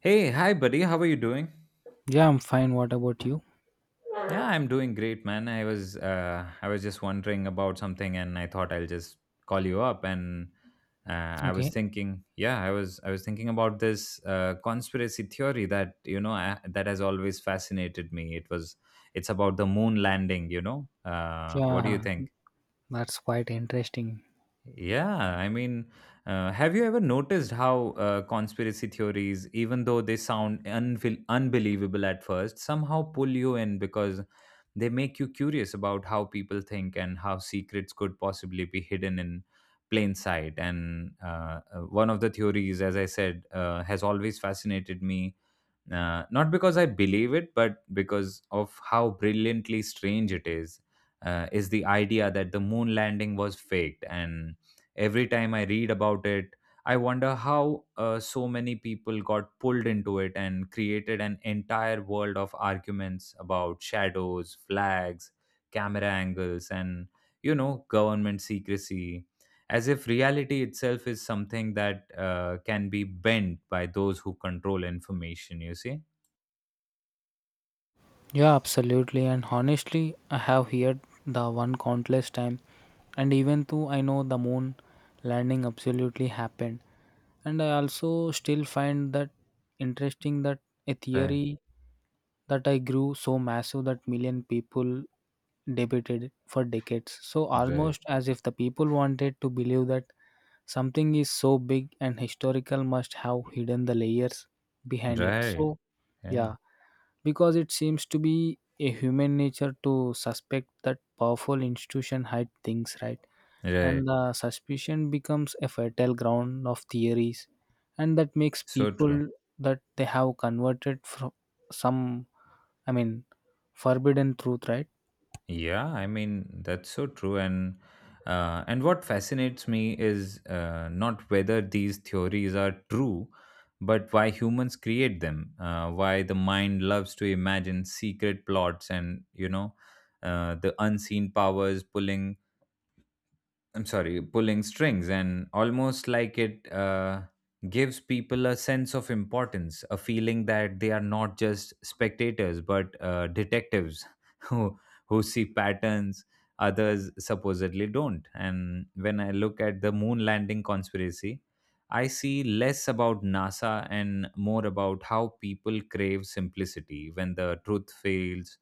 Hey, hi buddy. How are you doing? Yeah, I'm fine. What about you? Yeah, I'm doing great, man. I was just wondering about something and I thought I'll just call you up and I was Okay. thinking, yeah, I was thinking about this conspiracy theory that, you know, that has always fascinated me. It's about the moon landing, you know. What do you Yeah, think? that's quite interesting. Yeah, I mean, have you ever noticed how conspiracy theories, even though they sound unbelievable at first, somehow pull you in because they make you curious about how people think and how secrets could possibly be hidden in plain sight? And one of the theories, as I said, has always fascinated me not because I believe it, but because of how brilliantly strange it is. Is the idea that the moon landing was faked, and every time I read about it, I wonder how so many people got pulled into it and created an entire world of arguments about shadows, flags, camera angles, and, you know, government secrecy, as if reality itself is something that can be bent by those who control information, you see. Yeah, absolutely. And honestly, I have heard the one countless time, and even though I know the moon landing absolutely happened, and I also still find that interesting that a Right. theory that I grew so massive that million people debated it for decades. So Right. almost as if the people wanted to believe that something is so big and historical must have hidden the layers behind it, Right. so Yeah. yeah. Because it seems to be a human nature to suspect that powerful institution hide things, right? Right. And the suspicion becomes a fertile ground of theories, and that makes So true. people that they have converted from some, I mean, forbidden truth, right? Yeah, I mean, that's so true. And and what fascinates me is not whether these theories are true, but why humans create them, why the mind loves to imagine secret plots, and, you know, the unseen powers pulling, I'm sorry, pulling strings, and almost like it gives people a sense of importance, a feeling that they are not just spectators but detectives who who see patterns others supposedly don't. And when I look at the moon landing conspiracy, I see less about NASA and more about how people crave simplicity when the truth feels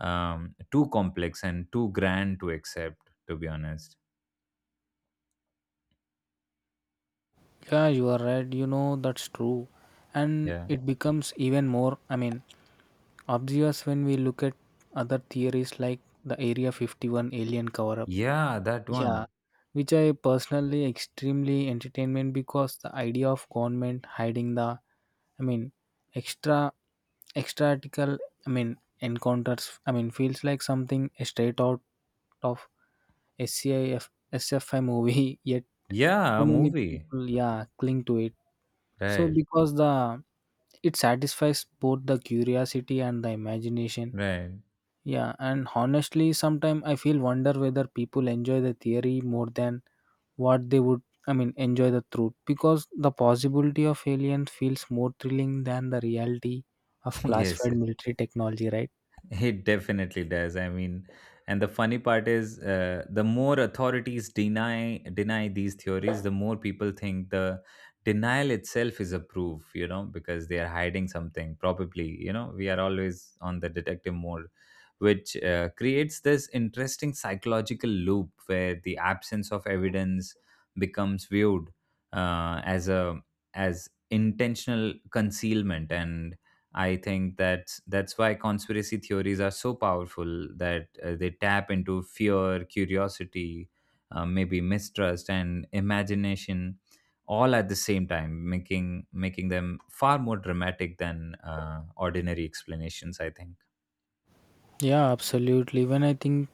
too complex and too grand to accept. To be honest, Yeah, you are right, you know, that's true. And yeah. it becomes even more, I mean, obvious when we look at other theories like the Area 51 alien cover up. Yeah, that Yeah, one. which I personally extremely entertainment because the idea of government hiding the, I mean, extra extratical, I mean, encounters, I mean, feels like something straight out of SCIF SFI movie yet Yeah, so a many movie. people, yeah, cling to it. So Right, because the, it satisfies both the curiosity and the imagination. right. Yeah, and honestly, sometimes I feel wonder whether people enjoy the theory more than what they would, I mean, enjoy the truth because the possibility of aliens feels more thrilling than the reality of Yes, classified yes. military technology, right? It definitely does. I mean, and the funny part is, the more authorities deny these theories, the more people think the denial itself is a proof. You know, because they are hiding something. Probably, you know, we are always on the detective mode, which creates this interesting psychological loop where the absence of evidence becomes viewed uh, as a as intentional concealment. And I think that's why conspiracy theories are so powerful, that they tap into fear, curiosity, maybe mistrust, and imagination, all at the same time, making them far more dramatic than ordinary explanations, I think. Yeah, absolutely. When I think,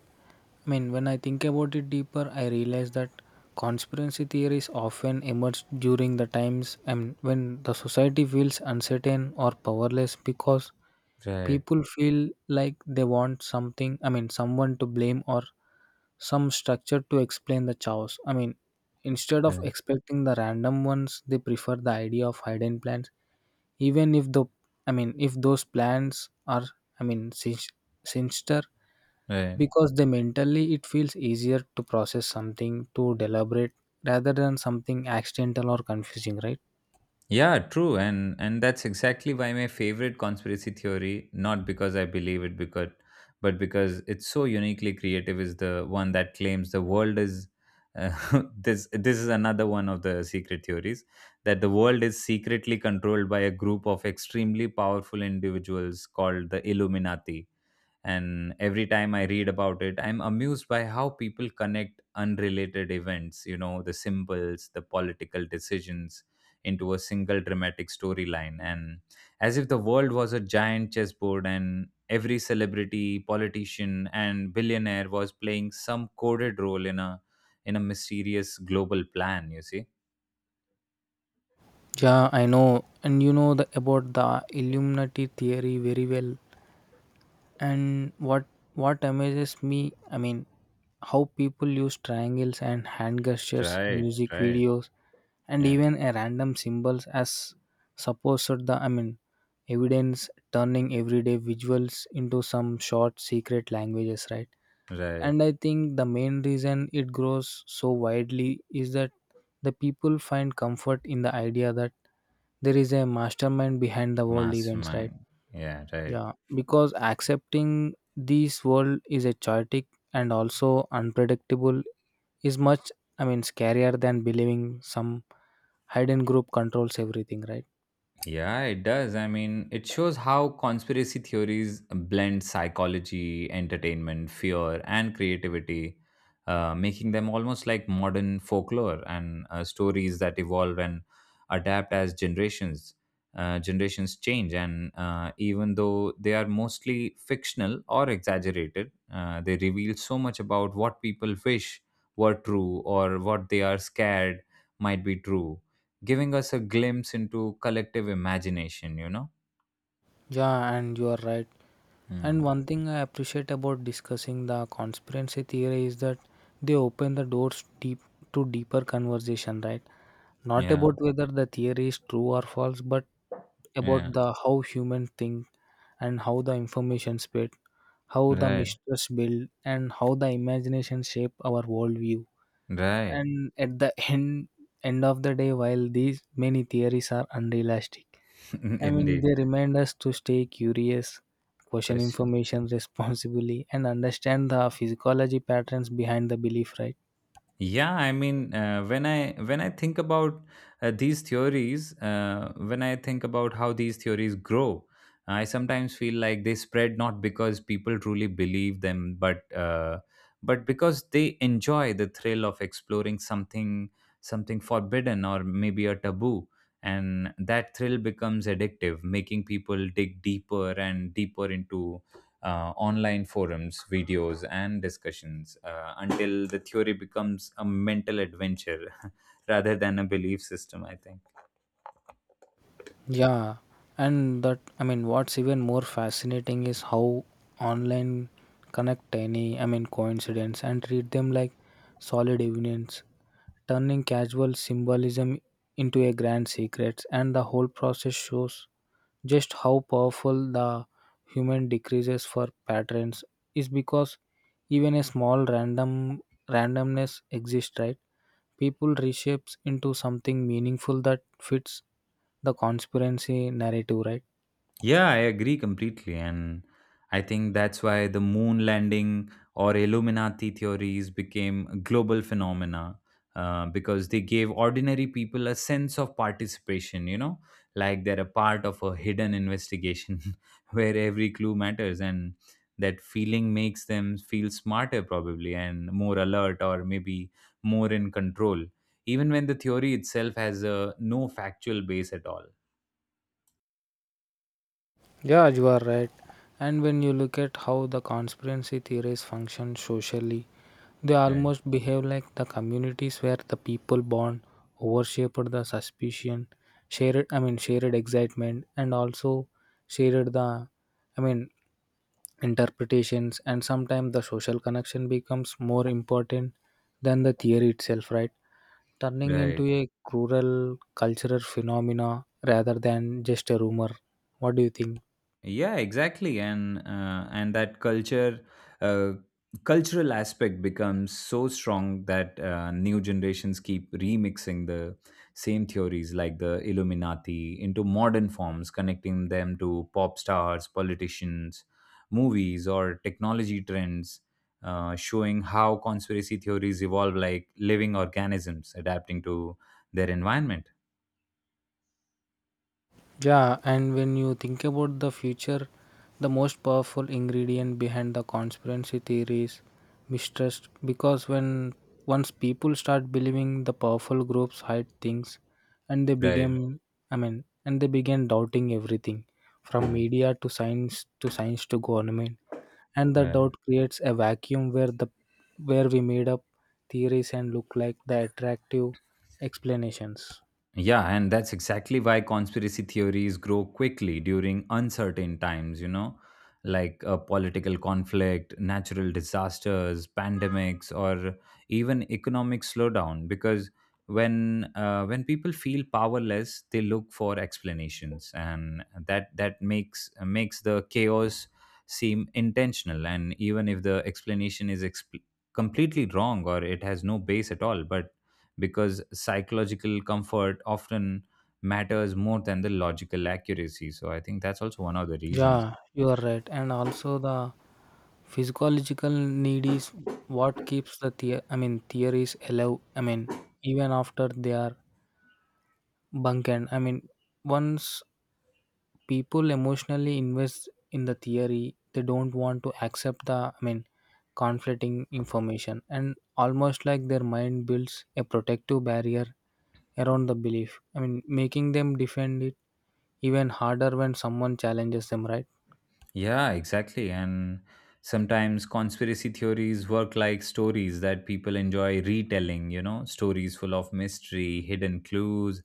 I mean, when I think about it deeper, I realize that conspiracy theories often emerge during the times and when the society feels uncertain or powerless because Right. people feel like they want something, I mean, someone to blame or some structure to explain the chaos. I mean, instead of Right. expecting the random ones, they prefer the idea of hidden plans, even if the, I mean, if those plans are, I mean, sinister, Right. because they mentally it feels easier to process something to deliberate rather than something accidental or confusing, right? Yeah, true. And that's exactly why my favorite conspiracy theory, not because I believe it, because but because it's so uniquely creative, is the one that claims the world is uh, this. This is another one of the secret theories, that the world is secretly controlled by a group of extremely powerful individuals called the Illuminati. And every time I read about it, I'm amused by how people connect unrelated events, you know, the symbols, the political decisions, into a single dramatic storyline, and as if the world was a giant chessboard and every celebrity, politician, and billionaire was playing some coded role in a mysterious global plan, you see. Yeah, I know, and you know the about the Illuminati theory very well. And what amazes me, I mean, how people use triangles and hand gestures, Right. music Right. videos, and Yeah. even a random symbols as supposed the, I mean, evidence turning everyday visuals into some short secret languages, right? Right. And I think the main reason it grows so widely is that the people find comfort in the idea that there is a mastermind behind the world events, right? Mastermind. Yeah. Right. Yeah, because accepting this world is a chaotic and also unpredictable is much, I mean, scarier than believing some hidden group controls everything, right? Yeah, it does. I mean, it shows how conspiracy theories blend psychology, entertainment, fear, and creativity, making them almost like modern folklore and stories that evolve and adapt as generations. Generations change, and even though they are mostly fictional or exaggerated, they reveal so much about what people wish were true or what they are scared might be true, giving us a glimpse into collective imagination, you know? Yeah, and you are right. And Hmm. one thing I appreciate about discussing the conspiracy theory is that they open the doors deep to deeper conversation, right? Not Yeah, about whether the theory is true or false, but about yeah, the how humans think and how the information spread, how the right, mistrust build, and how the imagination shape our worldview. right. And at the end of the day, while these many theories are unrealistic, I mean, Indeed. they remind us to stay curious, question Question. information responsibly, and understand the physiology patterns behind the belief, right? Yeah, I mean, when I think about these theories, when I think about how these theories grow, I sometimes feel like they spread not because people truly believe them, but because they enjoy the thrill of exploring something, something forbidden, or maybe a taboo, and that thrill becomes addictive, making people dig deeper and deeper into online forums, videos, and discussions, until the theory becomes a mental adventure rather than a belief system, I think. Yeah, and that, I mean, what's even more fascinating is how online connect any, I mean, coincidence and treat them like solid evidence, turning casual symbolism into a grand secret, and the whole process shows just how powerful the human decreases for patterns is because even a small randomness exists, right? People reshapes into something meaningful that fits the conspiracy narrative, right? Yeah, I agree completely. And I think that's why the moon landing or Illuminati theories became global phenomena, because they gave ordinary people a sense of participation, you know, like they're a part of a hidden investigation where every clue matters. And that feeling makes them feel smarter, probably, and more alert, or maybe more in control, even when the theory itself has no factual base at all. Yeah, you are right. And when you look at how the conspiracy theories function socially, they Right. almost behave like the communities where the people born overshaped the suspicion, shared I mean shared excitement and also shared the, I mean, interpretations, and sometimes the social connection becomes more important than the theory itself, right? Turning Right. into a cruel cultural phenomena rather than just a rumor. What do you think? Yeah, exactly. And that culture uh, cultural aspect becomes so strong that new generations keep remixing the same theories like the Illuminati into modern forms, connecting them to pop stars, politicians, movies, or technology trends, showing how conspiracy theories evolve like living organisms adapting to their environment. Yeah, and when you think about the future, the most powerful ingredient behind the conspiracy theory is mistrust because when once people start believing the powerful groups hide things and they Right. begin and they begin doubting everything from Mm. media to science to government, and the Right. doubt creates a vacuum where the where we made up theories and look like the attractive explanations. Yeah, and that's exactly why conspiracy theories grow quickly during uncertain times, you know, like a political conflict, natural disasters, pandemics, or even economic slowdown. Because when people feel powerless, they look for explanations, and that makes the chaos seem intentional. And even if the explanation is completely wrong, or it has no base at all, but because psychological comfort often matters more than the logical accuracy. So I think that's also one of the Yeah, reasons. you are right, and also the physiological need is what keeps the, I mean, theories alive, I mean, even after they are bunkened, I mean, once people emotionally invest in the theory they don't want to accept the, I mean, conflicting information, and almost like their mind builds a protective barrier around the belief. I mean, making them defend it even harder when someone challenges them, right? Yeah, exactly. And sometimes conspiracy theories work like stories that people enjoy retelling, you know, stories full of mystery, hidden clues,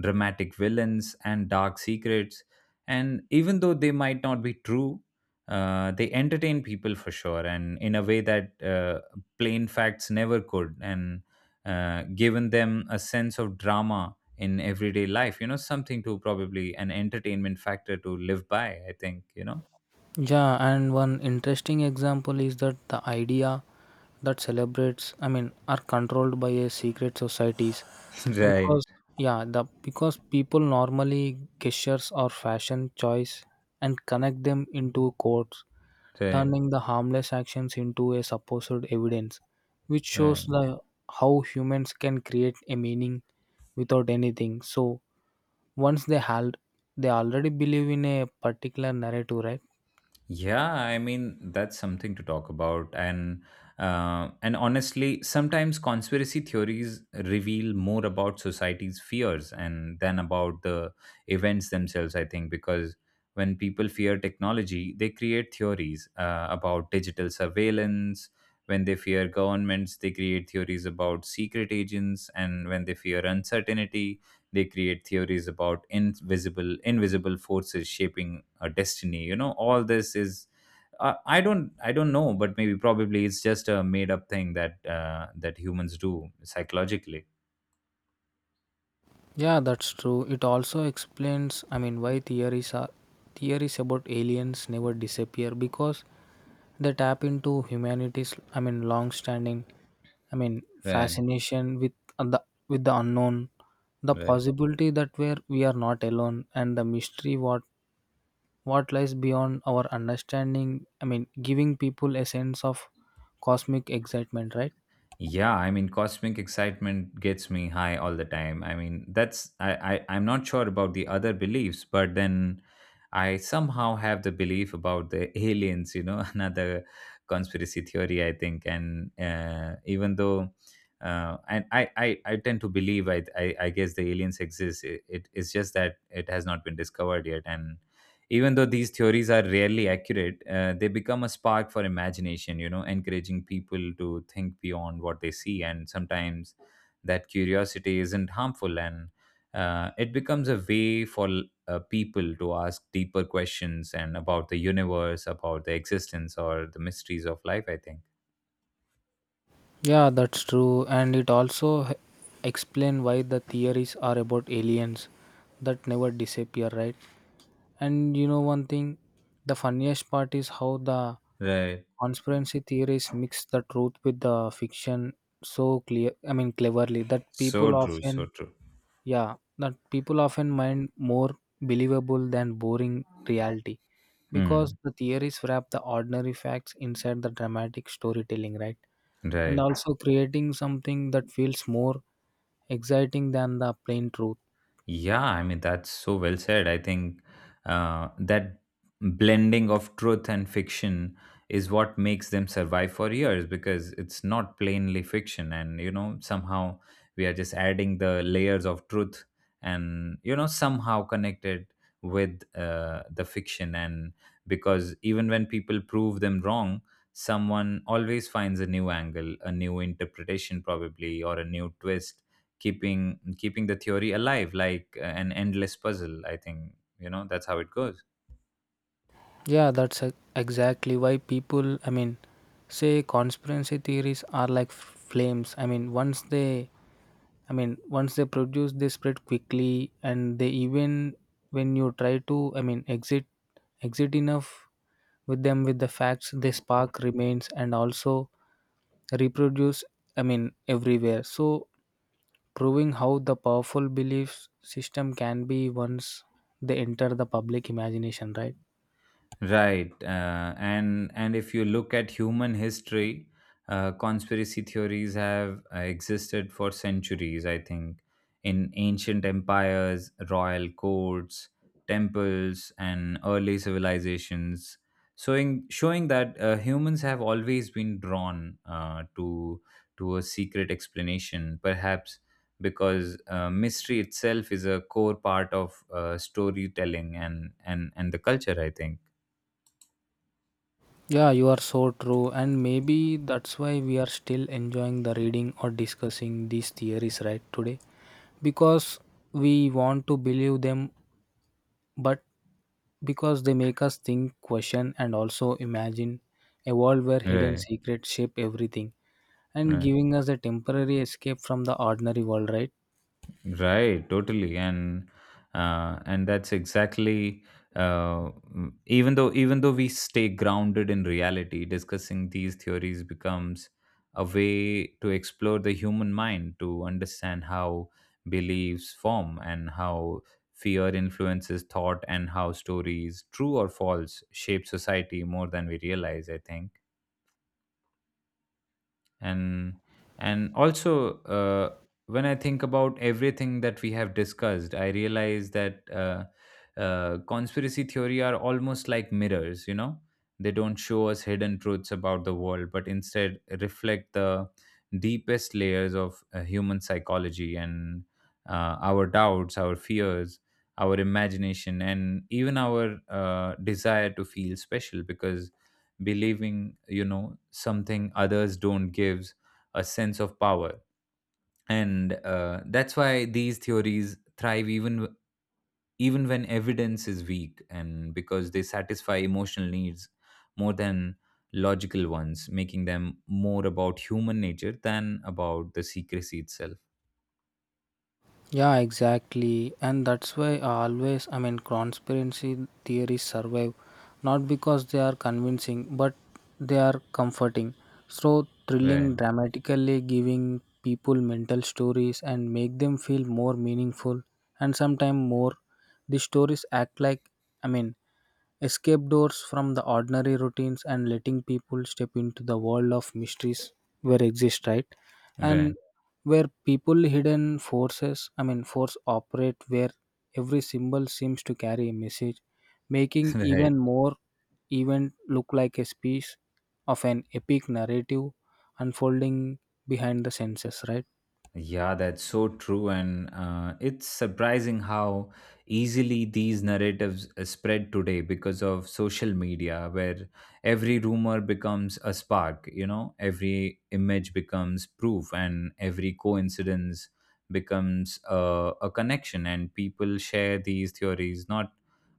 dramatic villains, and dark secrets. And even though they might not be true, they entertain people for sure, and in a way that plain facts never could, and given them a sense of drama in everyday life, you know, something to probably an entertainment factor to live by, I think, you know. Yeah, and one interesting example is that the idea that celebrates, I mean, are controlled by a secret societies Right, because yeah the because people normally gestures or fashion choice and connect them into codes, right, turning the harmless actions into a supposed evidence, which shows right. the how humans can create a meaning without anything, so once they held they already believe in a particular narrative, right? Yeah, I mean, that's something to talk about. And honestly, sometimes conspiracy theories reveal more about society's fears and than about the events themselves, I think. Because when people fear technology, they create theories about digital surveillance. When they fear governments, they create theories about secret agents, and when they fear uncertainty, they create theories about invisible forces shaping our destiny. You know, all this is, I don't know, but maybe probably it's just a made up thing that humans do psychologically. Yeah, that's true. It also explains, I mean, why theories about aliens never disappear because they tap into humanity's, I mean, long-standing, I mean, Right. fascination the with the unknown, the Right. possibility that where we are not alone, and the mystery what lies beyond our understanding. I mean, giving people a sense of cosmic excitement, right? Yeah, I mean, cosmic excitement gets me high all the time. I mean, that's, I'm not sure about the other beliefs, but then I somehow have the belief about the aliens. You know, another conspiracy theory, I think. And even though, and I tend to believe, I guess the aliens exist. It's just that it has not been discovered yet. And even though these theories are rarely accurate, they become a spark for imagination, you know, encouraging people to think beyond what they see. And sometimes that curiosity isn't harmful, and it becomes a way for people to ask deeper questions and about the universe, about the existence or the mysteries of life, I think. Yeah, that's true, and it also explain why the theories are about aliens that never disappear, right? And you know one thing, the funniest part is how the Right. conspiracy theories mix the truth with the fiction so clear. I mean, cleverly that So people true. So often, true. yeah, that people often mind more believable than boring reality because Hmm. the theories wrap the ordinary facts inside the dramatic storytelling, right? And Right. also creating something that feels more exciting than the plain truth. Yeah, I mean, that's so well said. I think that blending of truth and fiction is what makes them survive for years, because it's not plainly fiction. And, you know, somehow we are just adding the layers of truth and, you know, somehow connected with the fiction. And because even when people prove them wrong, someone always finds a new angle, a new interpretation, probably, or a new twist, keeping the theory alive like an endless puzzle, I think, you know, that's how it goes. Yeah, that's exactly why people, I mean, say conspiracy theories are like flames. I mean, once they produce, they spread quickly, and they even when you try to, I mean, exit enough with them with the facts, the spark remains and also reproduce. I mean, everywhere. So proving how the powerful belief system can be once they enter the public imagination, right? Right, and if you look at human history, conspiracy theories have existed for centuries, I think, in ancient empires, royal courts, temples, and early civilizations, showing that humans have always been drawn to a secret explanation, perhaps because mystery itself is a core part of storytelling and and the culture, I think. Yeah, you are so true, and maybe that's why we are still enjoying the reading or discussing these theories right today because we want to believe them, but because they make us think, question, and also imagine a world where hidden Right, secrets shape everything and right, giving us a temporary escape from the ordinary world, right? right, totally. And that's exactly, even though we stay grounded in reality, discussing these theories becomes a way to explore the human mind, to understand how beliefs form, and how fear influences thought, and how stories, true or false, shape society more than we realize. I think. And and also When I think about everything that we have discussed, I realize that conspiracy theory are almost like mirrors. They don't show us hidden truths about the world, but instead reflect the deepest layers of human psychology and our doubts, our fears, our imagination, and even our desire to feel special, because believing something others don't gives a sense of power. And That's why these theories thrive even when evidence is weak, and because they satisfy emotional needs more than logical ones, making them more about human nature than about the secrecy itself. Yeah, exactly. And that's why I always, I mean, conspiracy theories survive not because they are convincing, but they are comforting. So thrilling, Right. dramatically giving people mental stories and make them feel more meaningful and sometimes more. The stories act like, I mean, escape doors from the ordinary routines and letting people step into the world of mysteries where exist, right? And Right. where people hidden forces, I mean, force operate where every symbol seems to carry a message, making Right. even more event look like a piece of an epic narrative unfolding behind the senses, right? Yeah, that's so true. And it's surprising how easily these narratives spread today because of social media, where every rumor becomes a spark, every image becomes proof, and every coincidence becomes a connection. And people share these theories not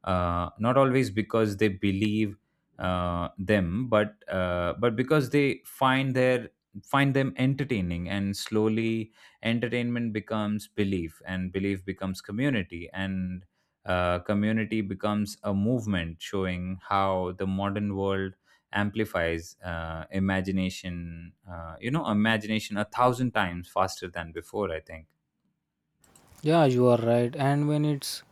uh, not always because they believe them, but because they find them entertaining, and slowly entertainment becomes belief, and belief becomes community, and community becomes a movement, showing how the modern world amplifies imagination, imagination a thousand times faster than before, I think. Yeah, you are right. And when it's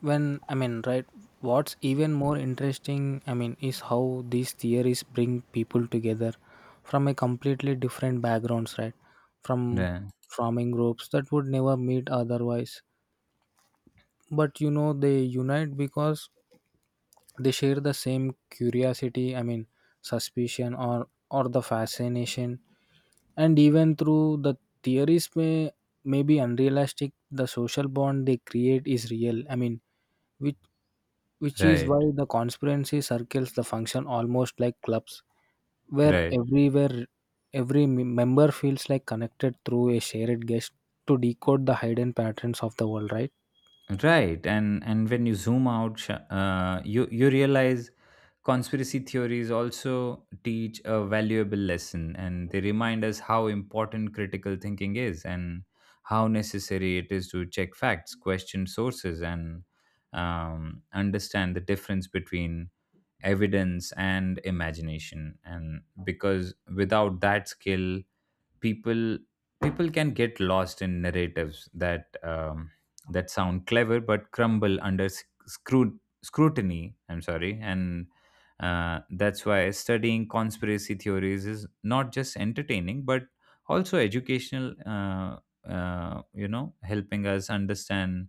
when, I mean, right, what's even more interesting, I mean, is how these theories bring people together from a completely different backgrounds, right? From Right. farming groups that would never meet otherwise, but you know they unite because they share the same curiosity, I mean, suspicion or the fascination, and even through the theories may be unrealistic the social bond they create is real, I mean, which which is why Right. the conspiracy circles the function almost like clubs where Right. everywhere every member feels like connected through a shared guest to decode the hidden patterns of the world, right? Right, and when you zoom out, you realize conspiracy theories also teach a valuable lesson, and they remind us how important critical thinking is, and how necessary it is to check facts, question sources, and understand the difference between evidence and imagination. And because without that skill, people people can get lost in narratives that that sound clever but crumble under scrutiny. I'm sorry. And That's why studying conspiracy theories is not just entertaining, but also educational, helping us understand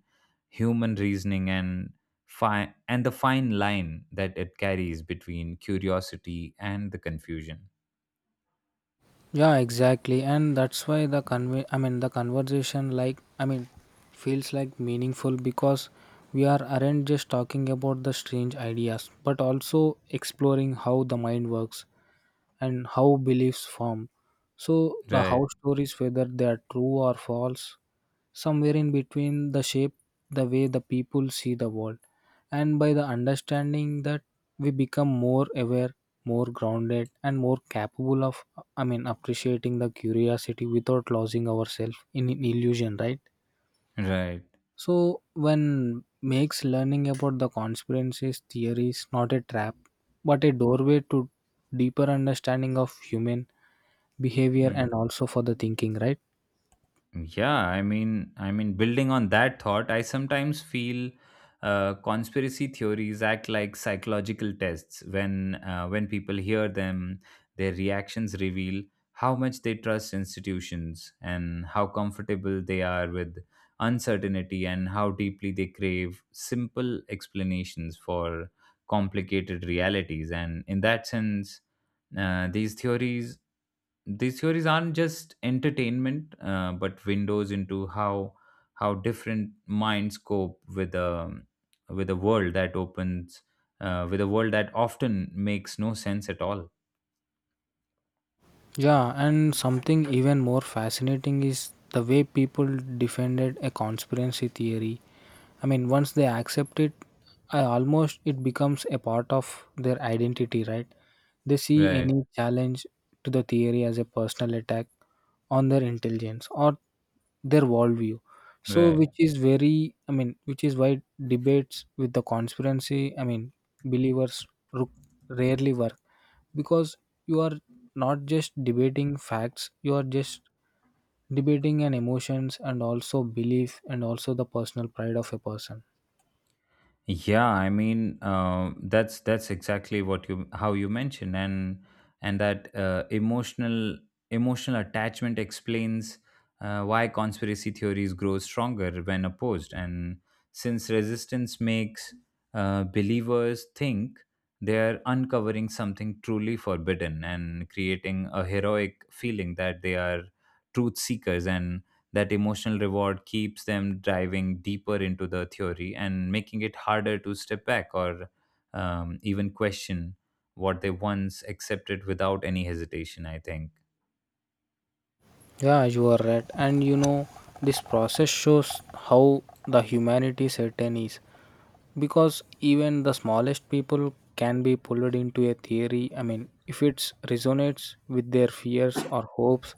human reasoning and the fine line that it carries between curiosity and the confusion. Yeah, exactly, and that's why the I mean the conversation like, I mean, feels like meaningful because we are aren't just talking about the strange ideas, but also exploring how the mind works and how beliefs form. So the Right. how stories, whether they are true or false, somewhere in between, the shape the way the people see the world. And by the understanding that we become more aware, more grounded, and more capable of, I mean, appreciating the curiosity without losing ourselves in an illusion, right? Right. So when makes learning about the conspiracies theories not a trap, but a doorway to deeper understanding of human behavior and Mm. also for the thinking, right? Yeah, building on that thought, I sometimes feel conspiracy theories act like psychological tests. When people hear them, their reactions reveal how much they trust institutions, and how comfortable they are with uncertainty, and how deeply they crave simple explanations for complicated realities. And in that sense, uh, these theories these theories aren't just entertainment, but windows into how different minds cope with a world that opens with a world that often makes no sense at all. Yeah, and something even more fascinating is the way people defended a conspiracy theory. I mean, once they accept it, I almost it becomes a part of their identity, right? They see Right. any challenge to the theory as a personal attack on their intelligence or their worldview. So, Right. which is very, I mean, which is why debates with the conspiracy, I mean, believers rarely work because you are not just debating facts, you are just debating an emotions and also belief and also the personal pride of a person. Yeah, I mean that's exactly what you how you mentioned, and that emotional attachment explains why conspiracy theories grow stronger when opposed, and since resistance makes believers think they are uncovering something truly forbidden, and creating a heroic feeling that they are truth seekers, and that emotional reward keeps them diving deeper into the theory, and making it harder to step back or even question what they once accepted without any hesitation, I think. Yeah, you are right, and you know this process shows how the humanity certain is because even the smallest people can be pulled into a theory, I mean, if it resonates with their fears or hopes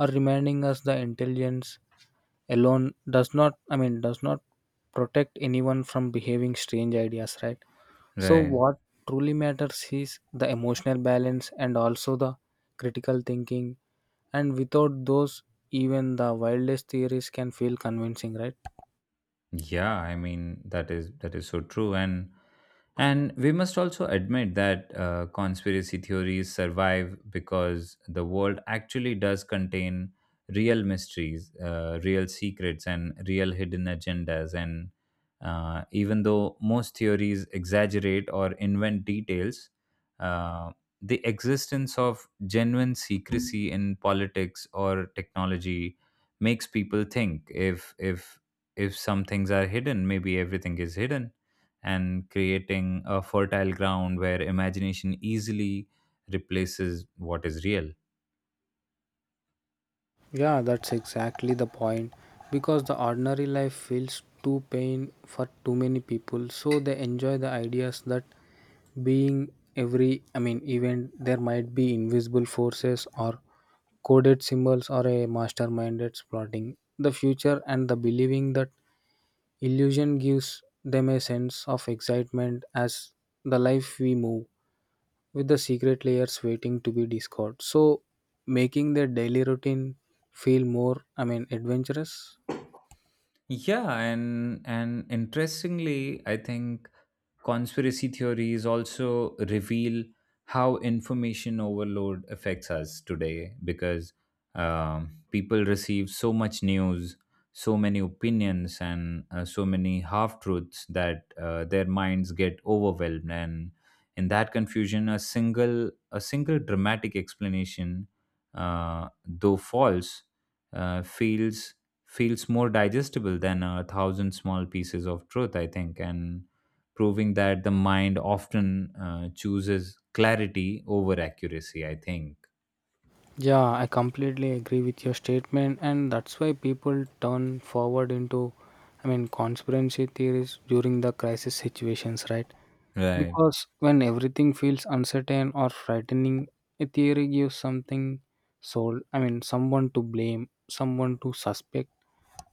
or reminding us the intelligence alone does not protect anyone from behaving strange ideas, right? So Right. what truly matters is the emotional balance and also the critical thinking, and without those even the wildest theories can feel convincing, right? Yeah, I mean that is so true. And we must also admit that conspiracy theories survive because the world actually does contain real mysteries, real secrets, and real hidden agendas. And even though most theories exaggerate or invent details, uh, the existence of genuine secrecy in politics or technology makes people think if some things are hidden, maybe everything is hidden, and creating a fertile ground where imagination easily replaces what is real. Yeah, that's exactly the point. Because the ordinary life feels too pain for too many people, so they enjoy the ideas that being every, I mean, event there might be invisible forces or coded symbols or a masterminded plotting the future, and the believing that illusion gives them a sense of excitement as the life we move with the secret layers waiting to be discovered. So, making their daily routine feel more, I mean, adventurous. Yeah, and interestingly, I think conspiracy theories also reveal how information overload affects us today because people receive so much news, so many opinions, and so many half truths that their minds get overwhelmed, and in that confusion, a single dramatic explanation, though false, uh, feels feels more digestible than a thousand small pieces of truth, I think, and proving that the mind often chooses clarity over accuracy, I think. Yeah, I completely agree with your statement, and that's why people turn forward into, I mean, conspiracy theories during the crisis situations, right? Right. Because when everything feels uncertain or frightening, a theory gives something sold, I mean, someone to blame, someone to suspect,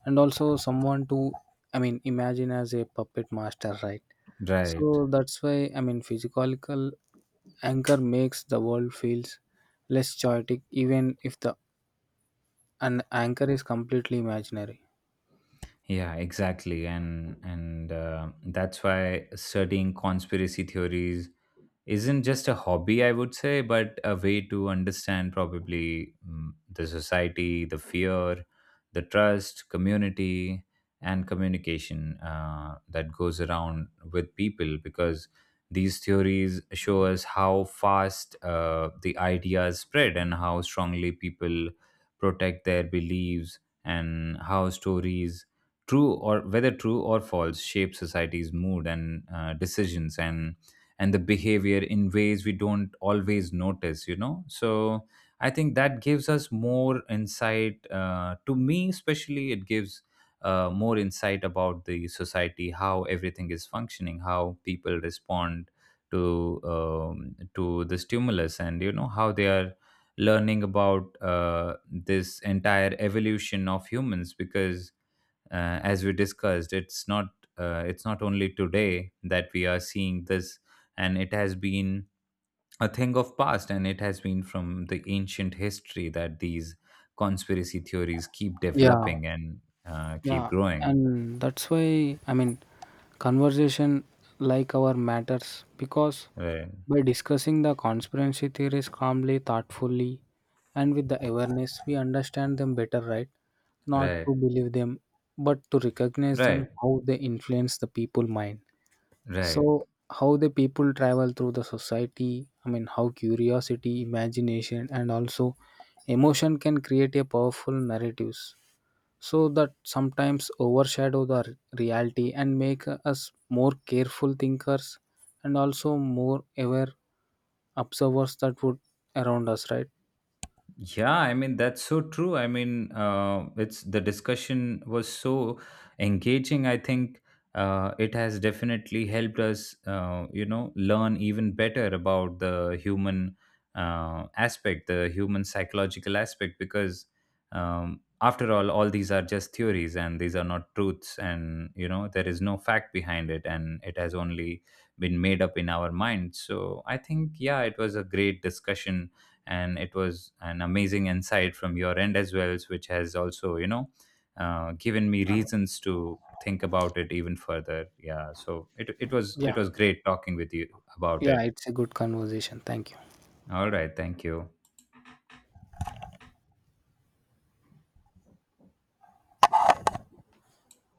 and also someone to, I mean, imagine as a puppet master, right? Right. So that's why, I mean, physical anchor makes the world feels less chaotic even if the an anchor is completely imaginary. Yeah, exactly. And that's why studying conspiracy theories isn't just a hobby, I would say, but a way to understand probably the society, the fear, the trust, community, and communication that goes around with people, because these theories show us how fast the ideas spread, and how strongly people protect their beliefs, and how stories true or whether true or false shape society's mood and decisions and the behavior in ways we don't always notice. So I think that gives us more insight, to me especially it gives more insight about the society, how everything is functioning, how people respond to the stimulus, and how they are learning about this entire evolution of humans, because as we discussed it's not only today that we are seeing this, and it has been a thing of past, and it has been from the ancient history that these conspiracy theories keep Yeah, developing and keep yeah growing. and that's why, I mean, conversation like our matters because Right. by discussing the conspiracy theories calmly, thoughtfully, and with the awareness, we understand them better, right? Not to Right. believe them, but to recognize Right. them, how they influence the people mind. Right. So, how the people travel through the society, I mean, how curiosity, imagination, and also emotion can create a powerful narratives so that sometimes overshadow the reality and make us more careful thinkers and also more aware observers that would around us, right? Yeah, I mean that's so true. I mean, it's the discussion was so engaging. I think it has definitely helped us, learn even better about the human aspect, the human psychological aspect, because after all these are just theories and these are not truths, and you know, there is no fact behind it, and it has only been made up in our minds. So I think, yeah, it was a great discussion, and it was an amazing insight from your end as well, which has also given me Uh, reasons to think about it even further. Yeah, so yeah, it was great talking with you about yeah, it. it's a good conversation, thank you. All right, thank you.